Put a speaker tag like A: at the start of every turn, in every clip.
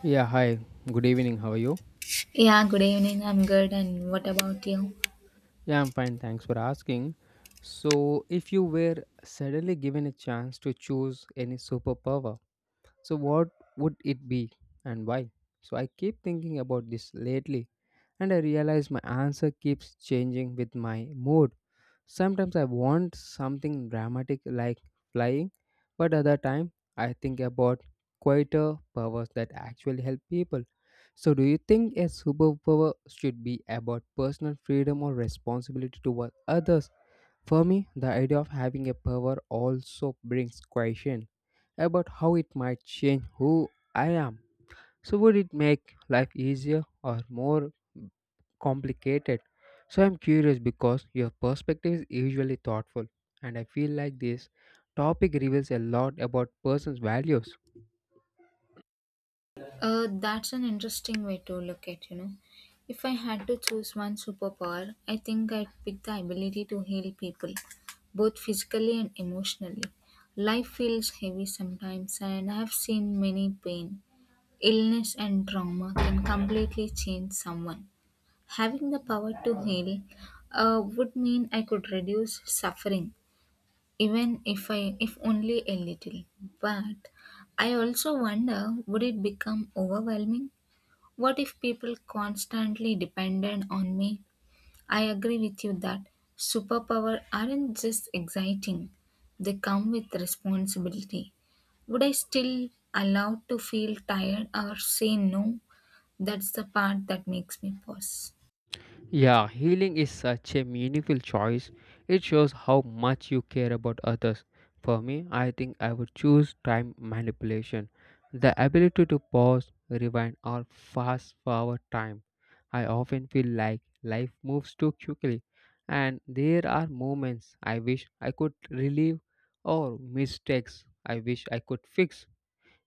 A: Yeah, hi. Good evening. How are you?
B: Yeah, good evening. I'm good. And what about you?
A: Yeah, I'm fine. Thanks for asking. So, if you were suddenly given a chance to choose any superpower, so what would it be and why? So, I keep thinking about this lately and I realize my answer keeps changing with my mood. Sometimes I want something dramatic like flying, but other time I think about quieter powers that actually help people. So do you think a superpower should be about personal freedom or responsibility toward others? For me, the idea of having a power also brings question about how it might change who I am. So, would it make life easier or more complicated? So, I'm curious because your perspective is usually thoughtful, and I feel like this topic reveals a lot about person's values.
B: That's an interesting way to look at, you know. If I had to choose one superpower, I think I'd pick the ability to heal people, both physically and emotionally. Life feels heavy sometimes, and I've seen many pain, illness, and trauma can completely change someone. Having the power to heal would mean I could reduce suffering even if I if only a little. But I also wonder would it become overwhelming? What if people constantly depended on me? I agree with you that superpower aren't just exciting. They come with responsibility. Would I still allow to feel tired or say no? That's the part that makes me pause.
A: Yeah, healing is such a meaningful choice. It shows how much you care about others. For me, I think I would choose time manipulation. The ability to pause, rewind, or fast forward time. I often feel like life moves too quickly, and there are moments I wish I could relieve or mistakes I wish I could fix.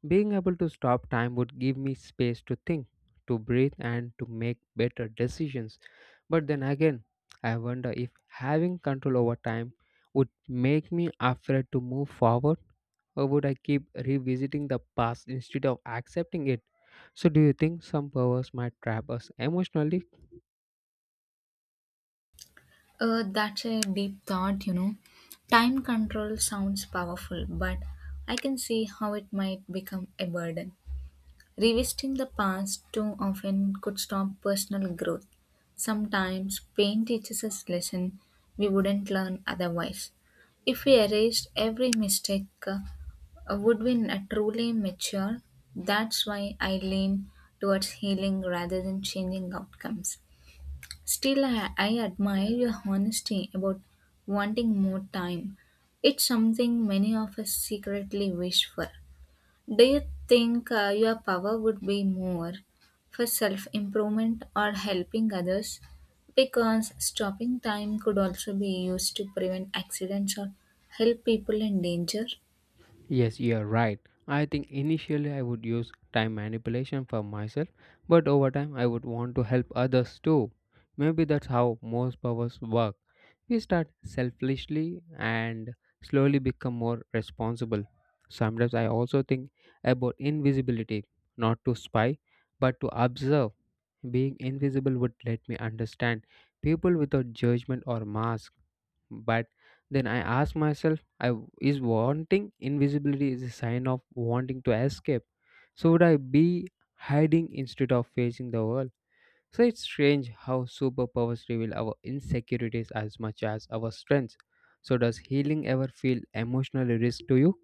A: Being able to stop time would give me space to think, to breathe, and to make better decisions. But then again, I wonder if having control over time would make me afraid to move forward, or would I keep revisiting the past instead of accepting it? So, do you think some powers might trap us emotionally?
B: That's a deep thought, you know. Time control sounds powerful, but I can see how it might become a burden. Revisiting the past too often could stop personal growth. Sometimes pain teaches us lesson we wouldn't learn otherwise. If we erased every mistake, would truly mature? That's why I lean towards healing rather than changing outcomes. Still, I admire your honesty about wanting more time. It's something many of us secretly wish for. Do you think your power would be more for self improvement or helping others? Because stopping time could also be used to prevent accidents or help people in danger.
A: Yes, you're right. I think initially I would use time manipulation for myself, but over time I would want to help others too. Maybe that's how most powers work. We start selfishly and slowly become more responsible. Sometimes I also think about invisibility, not to spy, but to observe. Being invisible would let me understand people without judgment or mask. But then I ask myself, is wanting invisibility is a sign of wanting to escape. So would I be hiding instead of facing the world? So it's strange how superpowers reveal our insecurities as much as our strengths. So does healing ever feel emotionally risk to you?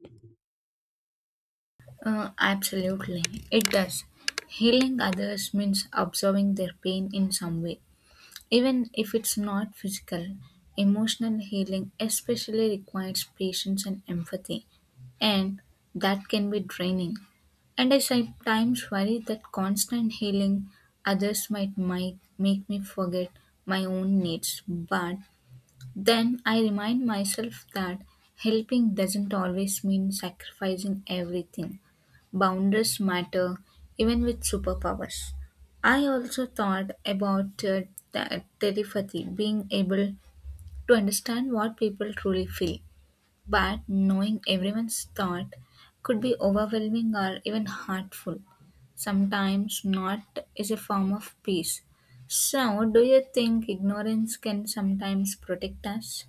B: Absolutely, it does. Healing others means observing their pain in some way. Even if it's not physical, emotional healing especially requires patience and empathy, and that can be draining. And I sometimes worry that constant healing others might make me forget my own needs, but then I remind myself that helping doesn't always mean sacrificing everything. Boundaries matter even with superpowers. I also thought about telepathy, being able to understand what people truly feel, but knowing everyone's thought could be overwhelming or even hurtful. Sometimes not is a form of peace. So, do you think ignorance can sometimes protect us?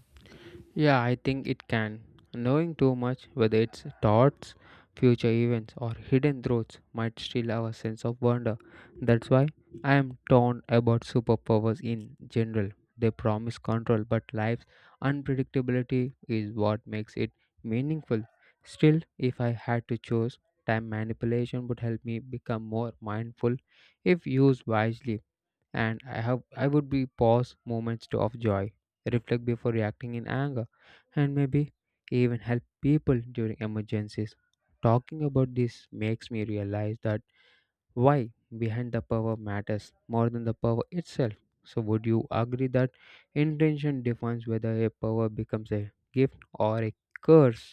A: Yeah, I think it can. Knowing too much, whether it's thoughts, future events, or hidden truths, might steal our sense of wonder. That's why I am torn about superpowers in general. They promise control, but life's unpredictability is what makes it meaningful. Still, if I had to choose, time manipulation would help me become more mindful if used wisely and I would be pause of joy, reflect before reacting in anger, and maybe even help people during emergencies. Talking about this makes me realize that why behind the power matters more than the power itself. So would you agree that intention defines whether a power becomes a gift or a curse?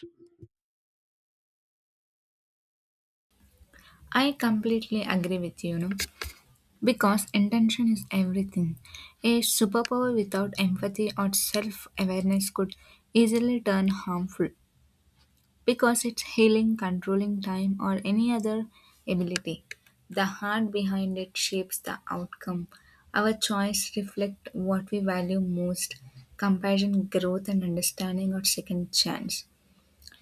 B: I completely agree with you, you know, because intention is everything. A superpower without empathy or self awareness could easily turn harmful because it's healing, controlling time, or any other ability. The heart behind it shapes the outcome. Our choice reflect what we value most compassion, growth, and understanding, or second chance.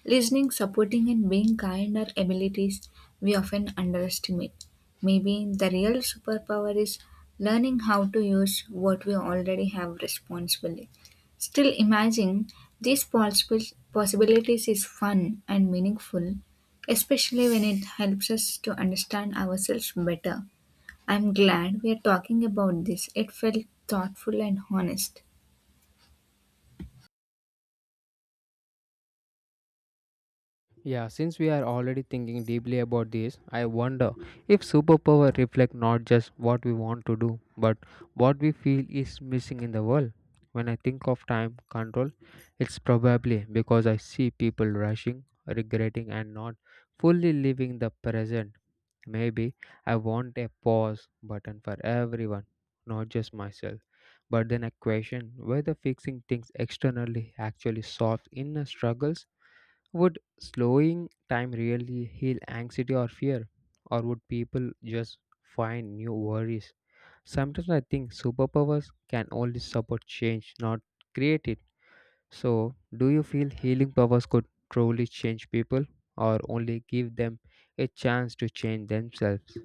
B: Listening, supporting, and being kind are abilities we often underestimate. Maybe the real superpower is learning how to use what we already have responsibly. Still, imagining these possibilities is fun and meaningful, especially when it helps us to understand ourselves better. I'm glad we are talking about this. It felt thoughtful and honest.
A: Yeah, since we are already thinking deeply about this, I wonder if superpower reflect not just what we want to do, but what we feel is missing in the world. When I think of time control, it's probably because I see people rushing, regretting and not fully living the present. Maybe I want a pause button for everyone, not just myself. But then I question whether fixing things externally actually solves inner struggles. Would slowing time really heal anxiety or fear? Or would people just find new worries? Sometimes I think superpowers can only support change, not create it. So, do you feel healing powers could truly change people or only give them a chance to change themselves?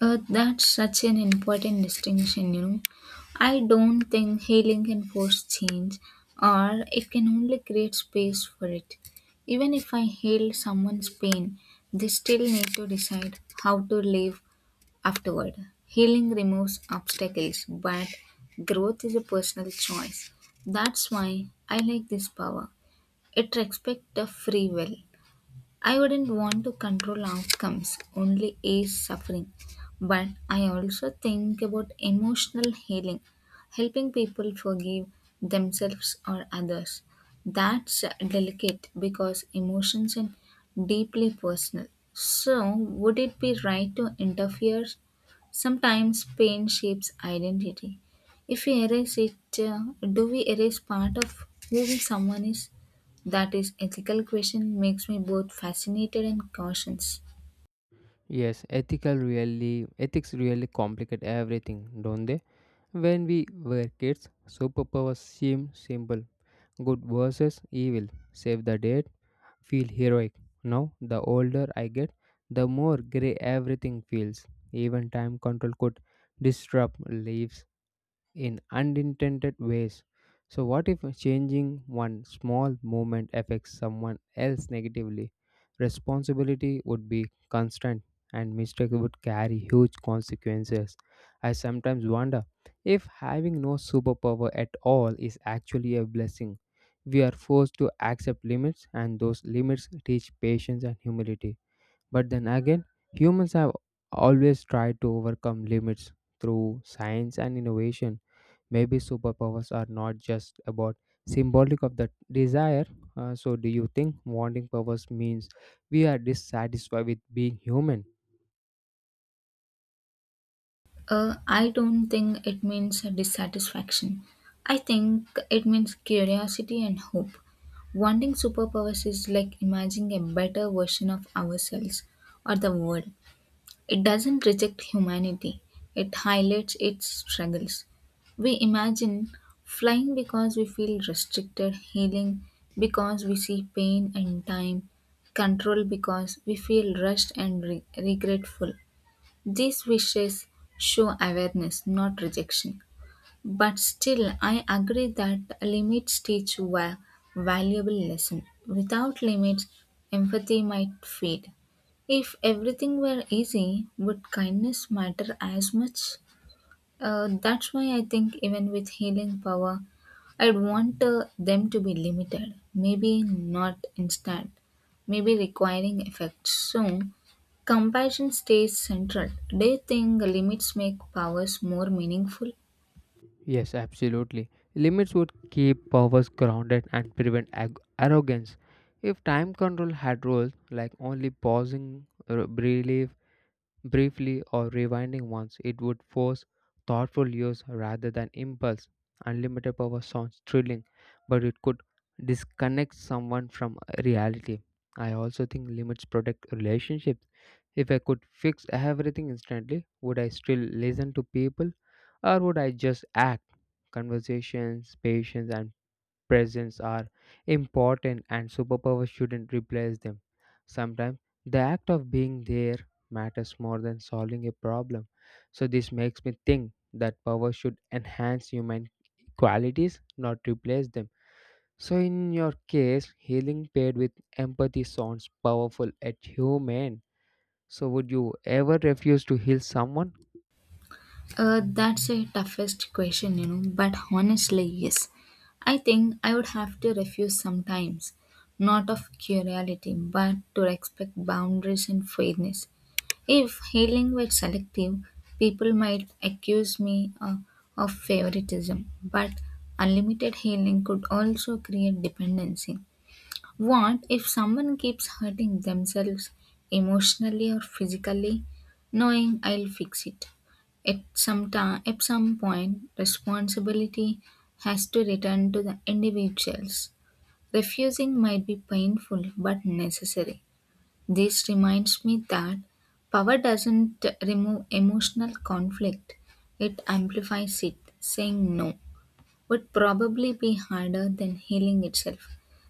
B: That's such an important distinction, you know. I don't think healing can force change, or it can only create space for it. Even if I heal someone's pain, they still need to decide how to live afterward. Healing removes obstacles, but growth is a personal choice. That's why I like this power. It respects the free will. I wouldn't want to control outcomes, only ease suffering. But I also think about emotional healing, helping people forgive themselves or others. That's delicate because emotions are deeply personal. So, would it be right to interfere? Sometimes pain shapes identity. If we erase it, uh, do we erase part of who we someone is? That is ethical question makes me both fascinated and cautious.
A: Yes, ethical really ethics really complicate everything, don't they? When we were kids, superpowers seemed simple. Good versus evil, save the date, feel heroic. Now, the older I get, the more grey everything feels. Even time control could disrupt lives in unintended ways. So, what if changing one small movement affects someone else negatively? Responsibility would be constant and mistakes would carry huge consequences. I sometimes wonder if having no superpower at all is actually a blessing. We are forced to accept limits, and those limits teach patience and humility. But then again, humans have always tried to overcome limits through science and innovation. Maybe superpowers are not just about symbolic of the desire. So, do you think wanting powers means we are dissatisfied with being human?
B: I don't think it means a dissatisfaction. I think it means curiosity and hope. Wanting superpowers is like imagining a better version of ourselves or the world. It doesn't reject humanity, it highlights its struggles. We imagine flying because we feel restricted, healing because we see pain and time, control because we feel rushed and regretful. These wishes show awareness, not rejection. But still, I agree that limits teach a valuable lesson. Without limits, empathy might fade. If everything were easy, would kindness matter as much? That's why I think even with healing power, I'd want them to be limited, maybe not instant, maybe requiring effects. So, compassion stays central. Do you think limits make powers more meaningful?
A: Yes, absolutely. Limits would keep powers grounded and prevent arrogance. If time control had rules like only pausing, relief, briefly or rewinding once. It would force thoughtful use rather than impulse. Unlimited power sounds thrilling, but it could disconnect someone from reality. I also think limits protect relationships. If I could fix everything instantly, would I still listen to people or would I just act? Conversations, patience, and Presents are important and superpower shouldn't replace them. Sometimes the act of being there matters more than solving a problem. So this makes me think that power should enhance human qualities, not replace them. So in your case, healing paired with empathy sounds powerful and human. So would you ever refuse to heal someone?
B: That's a toughest question, you know, but honestly, yes. I think I would have to refuse sometimes, not of curiosity, but to respect boundaries and fairness. If healing were selective, people might accuse me of favoritism, but unlimited healing could also create dependency. What if someone keeps hurting themselves emotionally or physically, knowing I'll fix it? At some time, at some point, responsibility has to return to the individuals. Refusing might be painful but necessary. This reminds me that power doesn't remove emotional conflict; it amplifies it. Saying no would probably be harder than healing itself.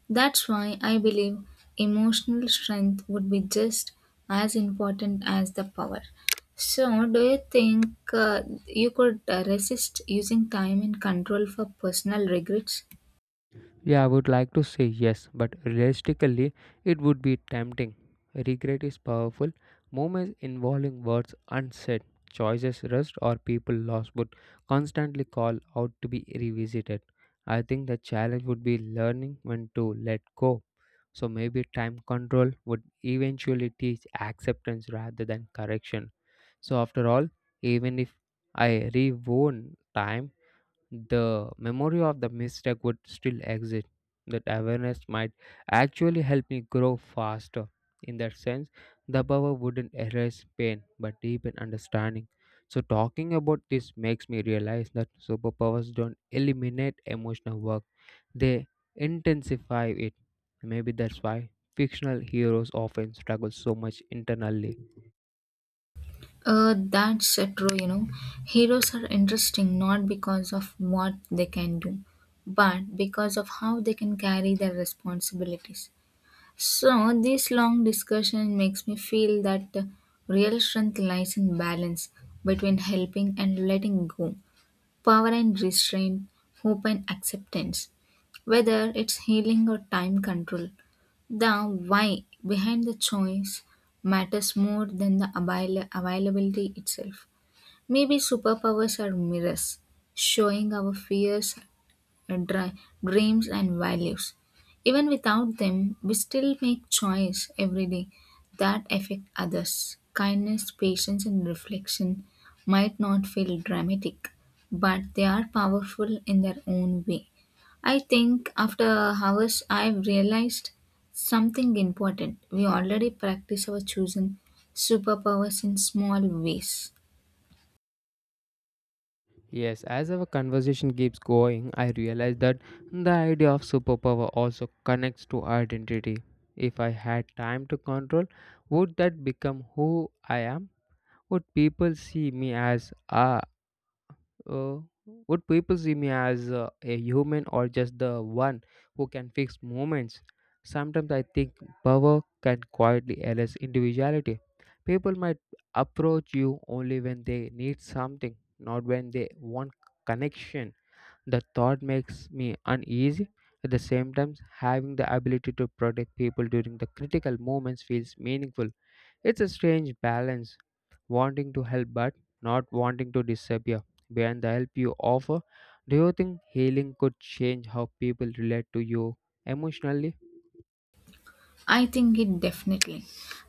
B: That's why I believe emotional strength would be just as important as the power. So, do you think you could resist using time and control for personal regrets?
A: Yeah, I would like to say yes, but realistically, it would be tempting. Regret is powerful. Moments involving words unsaid, choices rushed, or people lost would constantly call out to be revisited. I think the challenge would be learning when to let go. So maybe time control would eventually teach acceptance rather than correction. So, after all, even if I rewound time, the memory of the mistake would still exist. That awareness might actually help me grow faster. In that sense, the power wouldn't erase pain but deepen understanding. So, talking about this makes me realize that superpowers don't eliminate emotional work, they intensify it. Maybe that's why fictional heroes often struggle so much internally.
B: That's true, you know. Heroes are interesting not because of what they can do, but because of how they can carry their responsibilities. So, this long discussion makes me feel that real strength lies in balance between helping and letting go, power and restraint, hope and acceptance, whether it's healing or time control. The why behind the choice matters more than the availability itself. Maybe superpowers are mirrors, showing our fears dri- dreams, and values. Even without them, we still make choice every day that affect others. Kindness, patience, and reflection might not feel dramatic, but they are powerful in their own way. I think after hours, I've realized something important. We already practice our chosen superpowers in small ways.
A: Yes, as our conversation keeps going, I realize that the idea of superpower also connects to identity. If I had time to control, would that become who I am? Would people see me as ah? Uh, would people see me as a human or just the one who can fix moments? Sometimes I think power can quietly erase individuality. People might approach you only when they need something, not when they want connection. The thought makes me uneasy. At the same time, having the ability to protect people during the critical moments feels meaningful. It's a strange balance, wanting to help but not wanting to disappear behind the help you offer. Do you think healing could change how people relate to you emotionally?
B: I think it definitely.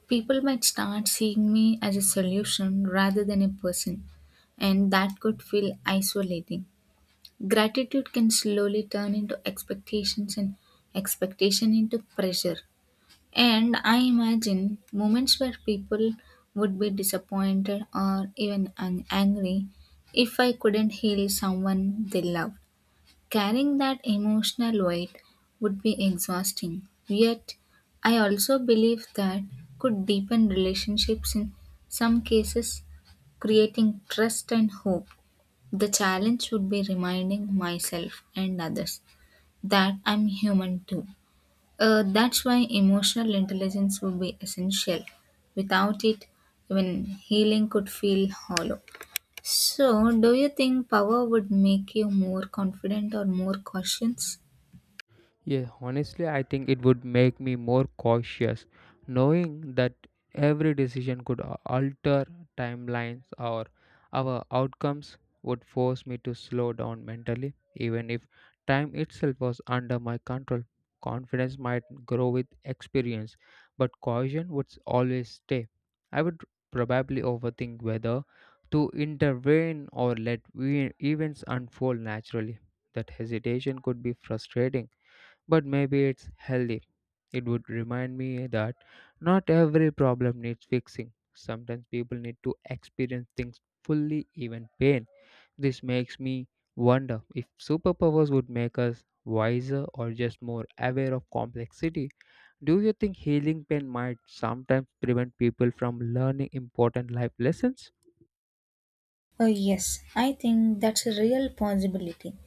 B: People might start seeing me as a solution rather than a person, and that could feel isolating. Gratitude can slowly turn into expectations and expectation into pressure. And I imagine moments where people would be disappointed or even angry if I couldn't heal someone they love. Carrying that emotional weight would be exhausting, yet, I also believe that could deepen relationships in some cases, creating trust and hope. The challenge would be reminding myself and others that I'm human too. That's why emotional intelligence would be essential. Without it, even healing could feel hollow. So, do you think power would make you more confident or more cautious?
A: Yeah, honestly, I think it would make me more cautious knowing that every decision could alter timelines or our outcomes would force me to slow down mentally even if time itself was under my control. Confidence might grow with experience, but caution would always stay. I would probably overthink whether to intervene or let events unfold naturally. That hesitation could be frustrating but maybe it's healthy. It would remind me that not every problem needs fixing. Sometimes people need to experience things fully, even pain. This makes me wonder if superpowers would make us wiser or just more aware of complexity. Do you think healing pain might sometimes prevent people from learning important life lessons?
B: Oh, yes, I think that's a real possibility.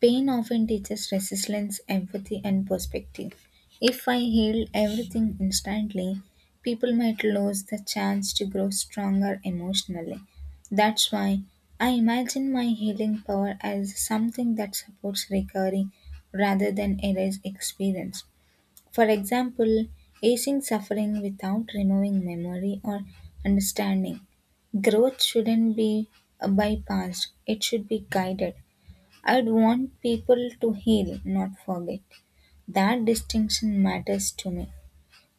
B: Pain often teaches resilience, empathy, and perspective. If I heal everything instantly, people might lose the chance to grow stronger emotionally. That's why I imagine my healing power as something that supports recovery rather than erase experience. For example, easing suffering without removing memory or understanding. Growth shouldn't be bypassed, it should be guided. I'd want people to heal, not forget. That distinction matters to me.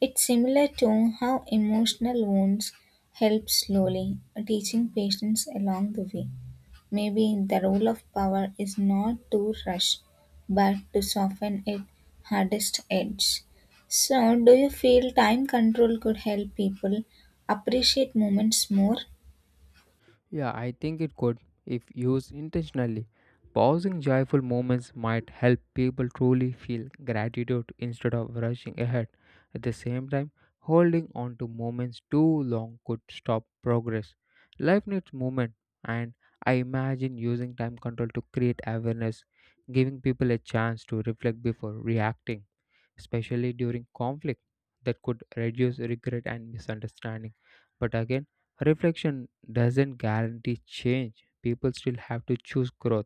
B: It's similar to how emotional wounds help slowly, teaching patience along the way. Maybe the role of power is not to rush, but to soften its hardest edge. So, do you feel time control could help people appreciate moments more?
A: Yeah, I think it could if used intentionally. Pausing joyful moments might help people truly feel gratitude instead of rushing ahead. At the same time, holding on to moments too long could stop progress. Life needs movement, and I imagine using time control to create awareness, giving people a chance to reflect before reacting especially during conflict, that could reduce regret and misunderstanding. But again, reflection doesn't guarantee change. People still have to choose growth.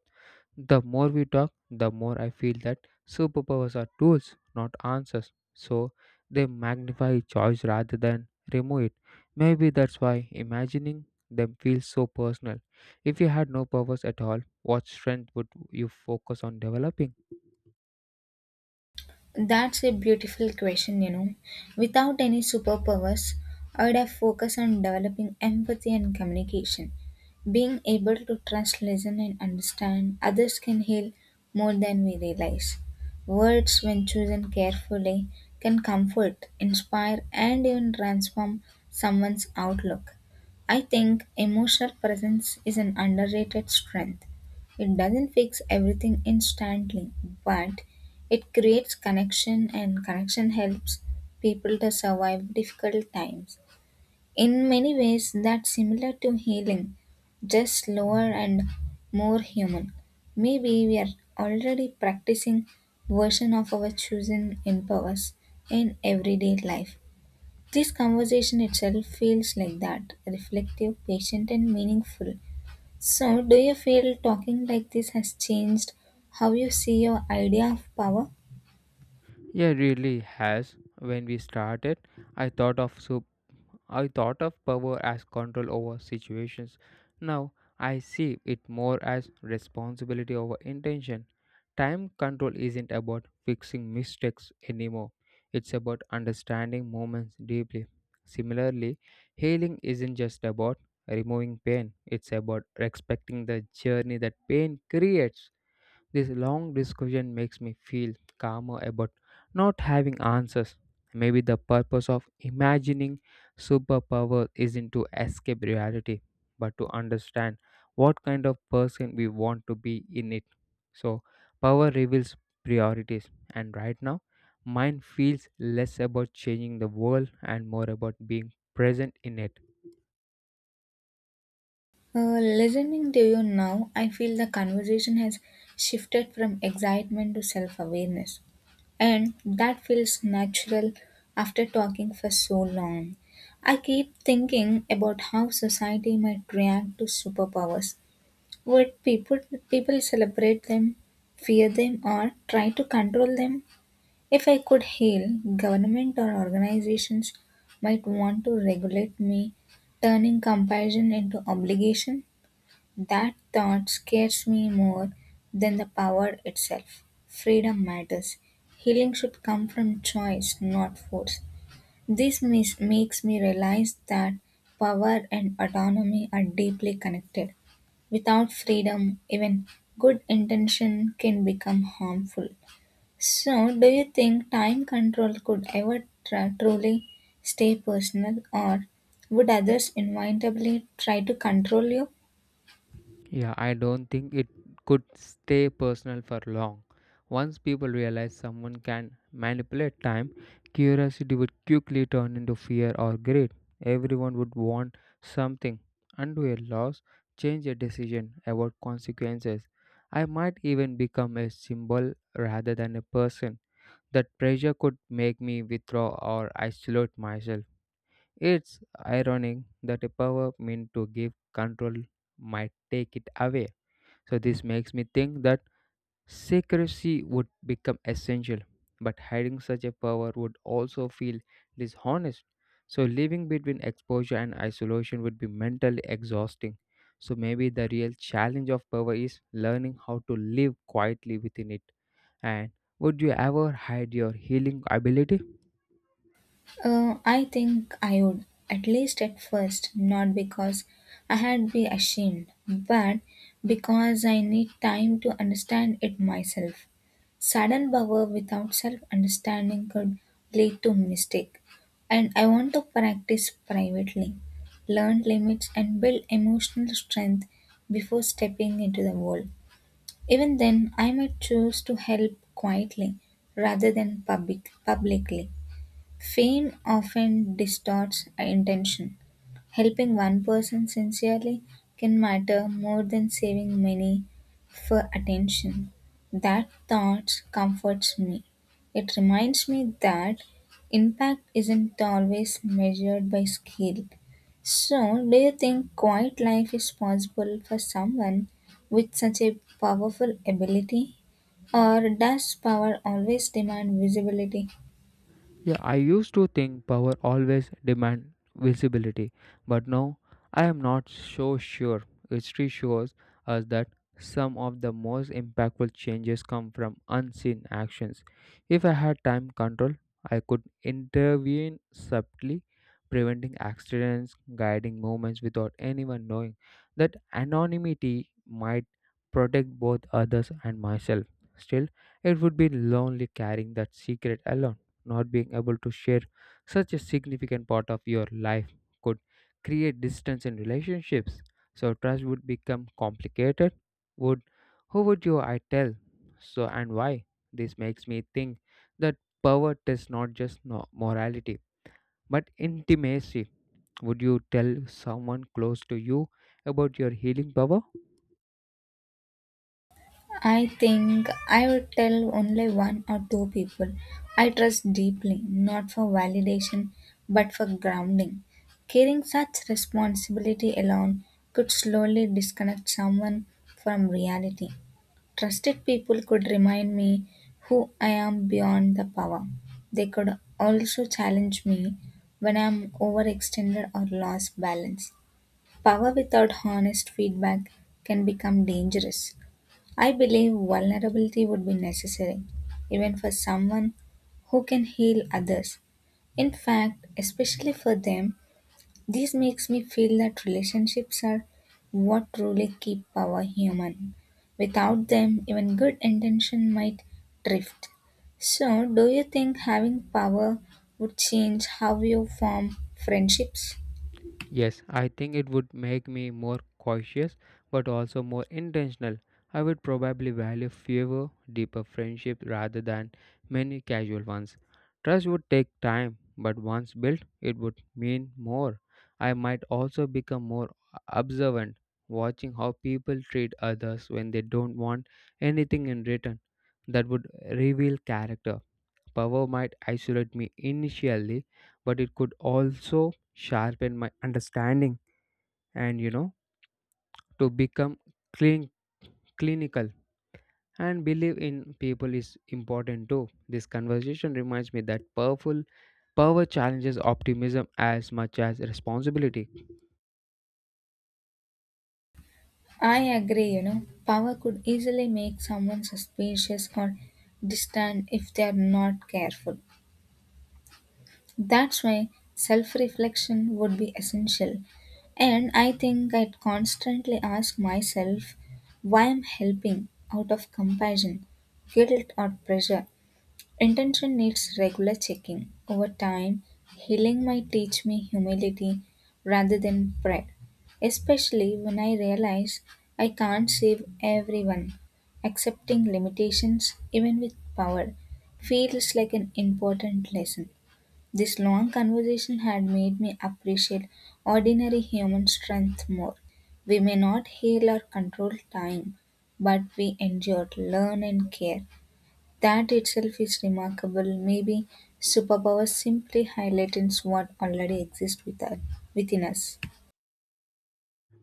A: The more we talk, the more I feel that superpowers are tools, not answers. So they magnify choice rather than remove it. Maybe that's why imagining them feels so personal. If you had no powers at all, what strength would you focus on developing?
B: That's a beautiful question, you know. Without any superpowers, I would have focused on developing empathy and communication. Being able to trust, listen, and understand others can heal more than we realize. Words, when chosen carefully, can comfort, inspire, and even transform someone's outlook. I think emotional presence is an underrated strength. It doesn't fix everything instantly, but it creates connection, and connection helps people to survive difficult times. In many ways, that's similar to healing, just slower and more human. Maybe we are already practicing version of our chosen empowers in everyday life. This conversation itself feels like that, reflective, patient, and meaningful. So, do you feel talking like this has changed how you see your idea of power?
A: Yeah, it really has. When we started, I thought of soup. I thought of power as control over situations. Now I see it more as responsibility over intention. Time control isn't about fixing mistakes anymore. It's about understanding moments deeply. Similarly, healing isn't just about removing pain. It's about respecting the journey that pain creates. This long discussion makes me feel calmer about not having answers. Maybe the purpose of imagining superpower isn't to escape reality, but to understand what kind of person we want to be in it. So, power reveals priorities, and right now, mine feels less about changing the world and more about being present in it.
B: Listening to you now, I feel the conversation has shifted from excitement to self awareness. And that feels natural after talking for so long. I keep thinking about how society might react to superpowers. Would people celebrate them, fear them, or try to control them? If I could heal, government or organizations might want to regulate me, turning compassion into obligation. That thought scares me more than the power itself. Freedom matters. Healing should come from choice, not force. This makes me realize that power and autonomy are deeply connected. Without freedom, even good intention can become harmful. So, do you think time control could ever truly stay personal, or would others inevitably try to control you?
A: Yeah, I don't think it could stay personal for long. Once people realize someone can manipulate time, curiosity would quickly turn into fear or greed. Everyone would want something, undo a loss, change a decision, avoid consequences. I might even become a symbol rather than a person. That pressure could make me withdraw or isolate myself. It's ironic that a power meant to give control might take it away. So this makes me think that secrecy would become essential, but hiding such a power would also feel dishonest. So living between exposure and isolation would be mentally exhausting. So maybe the real challenge of power is learning how to live quietly within it. And would you ever hide your healing ability?
B: I think I would, at least at first, not because I had be ashamed, but because I need time to understand it myself. Sudden power without self understanding could lead to mistake, and I want to practice privately, learn limits, and build emotional strength before stepping into the world. Even then, I might choose to help quietly rather than publicly. Fame often distorts intention. Helping one person sincerely can matter more than saving many for attention. That thought comforts me. It reminds me that impact isn't always measured by skill. So, do you think quiet life is possible for someone with such a powerful ability? Or does power always demand visibility?
A: Yeah, I used to think power always demand visibility, but now I am not so sure. History shows us that some of the most impactful changes come from unseen actions. If I had time control, I could intervene subtly, preventing accidents, guiding movements without anyone knowing. That anonymity might protect both others and myself. Still, it would be lonely carrying that secret alone. Not being able to share such a significant part of your life could create distance in relationships. So trust would become complicated. Would who would you I tell? So and why? This makes me think that power tests not just morality but intimacy. Would you tell someone close to you about your healing power?
B: I think I would tell only one or two people I trust deeply, not for validation but for grounding. Carrying such responsibility alone could slowly disconnect someone from reality. Trusted people could remind me who I am beyond the power. They could also challenge me when I am overextended or lost balance. Power without honest feedback can become dangerous. I believe vulnerability would be necessary, even for someone who can heal others. In fact, especially for them, this makes me feel that relationships are what truly keep power human. Without them, even good intention might drift. So, do you think having power would change how you form friendships?
A: Yes, I think it would make me more cautious but also more intentional. I would probably value fewer, deeper friendships rather than many casual ones. Trust would take time, but once built, it would mean more. I might also become more observant, watching how people treat others when they don't want anything in return. That would reveal character. Power might isolate me initially, but it could also sharpen my understanding and you know to become clean, clinical and believe in people is important too. This conversation reminds me that powerful power challenges optimism as much as responsibility.
B: I agree, you know, power could easily make someone suspicious or distant if they are not careful. That's why self reflection would be essential. And I think I'd constantly ask myself why I'm helping out of compassion, guilt, or pressure. Intention needs regular checking. Over time, healing might teach me humility rather than pride, especially when I realize I can't save everyone. Accepting limitations, even with power, feels like an important lesson. This long conversation had made me appreciate ordinary human strength more. We may not heal or control time, but we endure, learn, and care. That itself is remarkable. Maybe superpowers simply highlights what already exists with us, within us.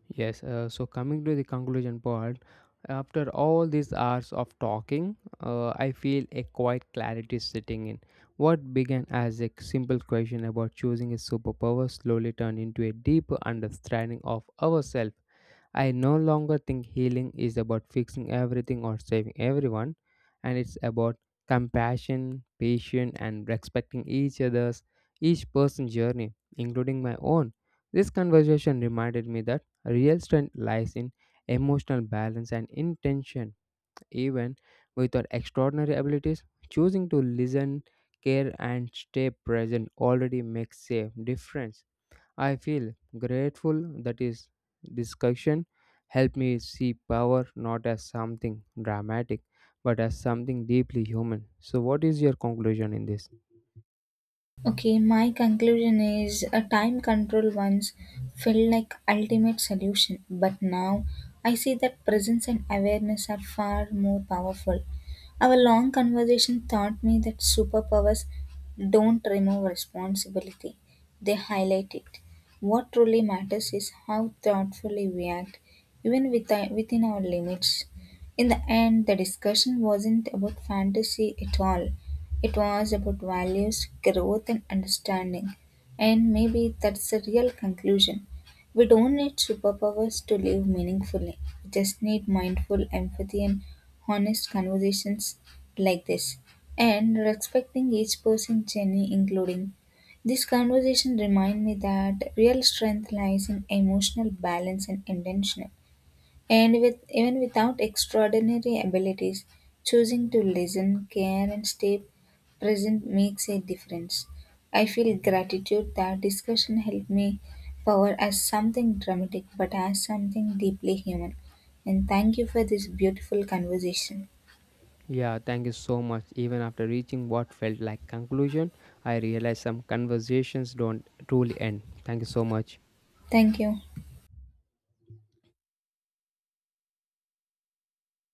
A: Yes, so coming to the conclusion part, after all these hours of talking, I feel a quiet clarity setting in. What began as a simple question about choosing a superpower slowly turned into a deeper understanding of ourselves. I no longer think healing is about fixing everything or saving everyone, and it's about compassion, patience, and respecting each person's journey, including my own. This conversation reminded me that real strength lies in emotional balance and intention, even with our extraordinary abilities. Choosing to listen, care, and stay present already makes a difference. I feel grateful that is discussion helped me see power not as something dramatic but as something deeply human. So what is your conclusion in this?
B: Okay, my conclusion is a time control once felt like ultimate solution, but now I see that presence and awareness are far more powerful. Our long conversation taught me that superpowers don't remove responsibility, they highlight it. What truly matters is how thoughtfully we act, even within our limits. In the end, the discussion wasn't about fantasy at all. It was about values, growth, and understanding. And maybe that's the real conclusion. We don't need superpowers to live meaningfully. We just need mindful empathy and honest conversations like this. And respecting each person's journey, including this conversation, remind me that real strength lies in emotional balance and intention and with even without extraordinary abilities, choosing to listen, care, and stay present makes a difference. I feel gratitude that discussion helped me power as something dramatic, but as something deeply human. And thank you for this beautiful conversation.
A: Yeah, thank you so much. Even after reaching what felt like conclusion, I realized some conversations don't truly end. Thank you so much.
B: Thank you.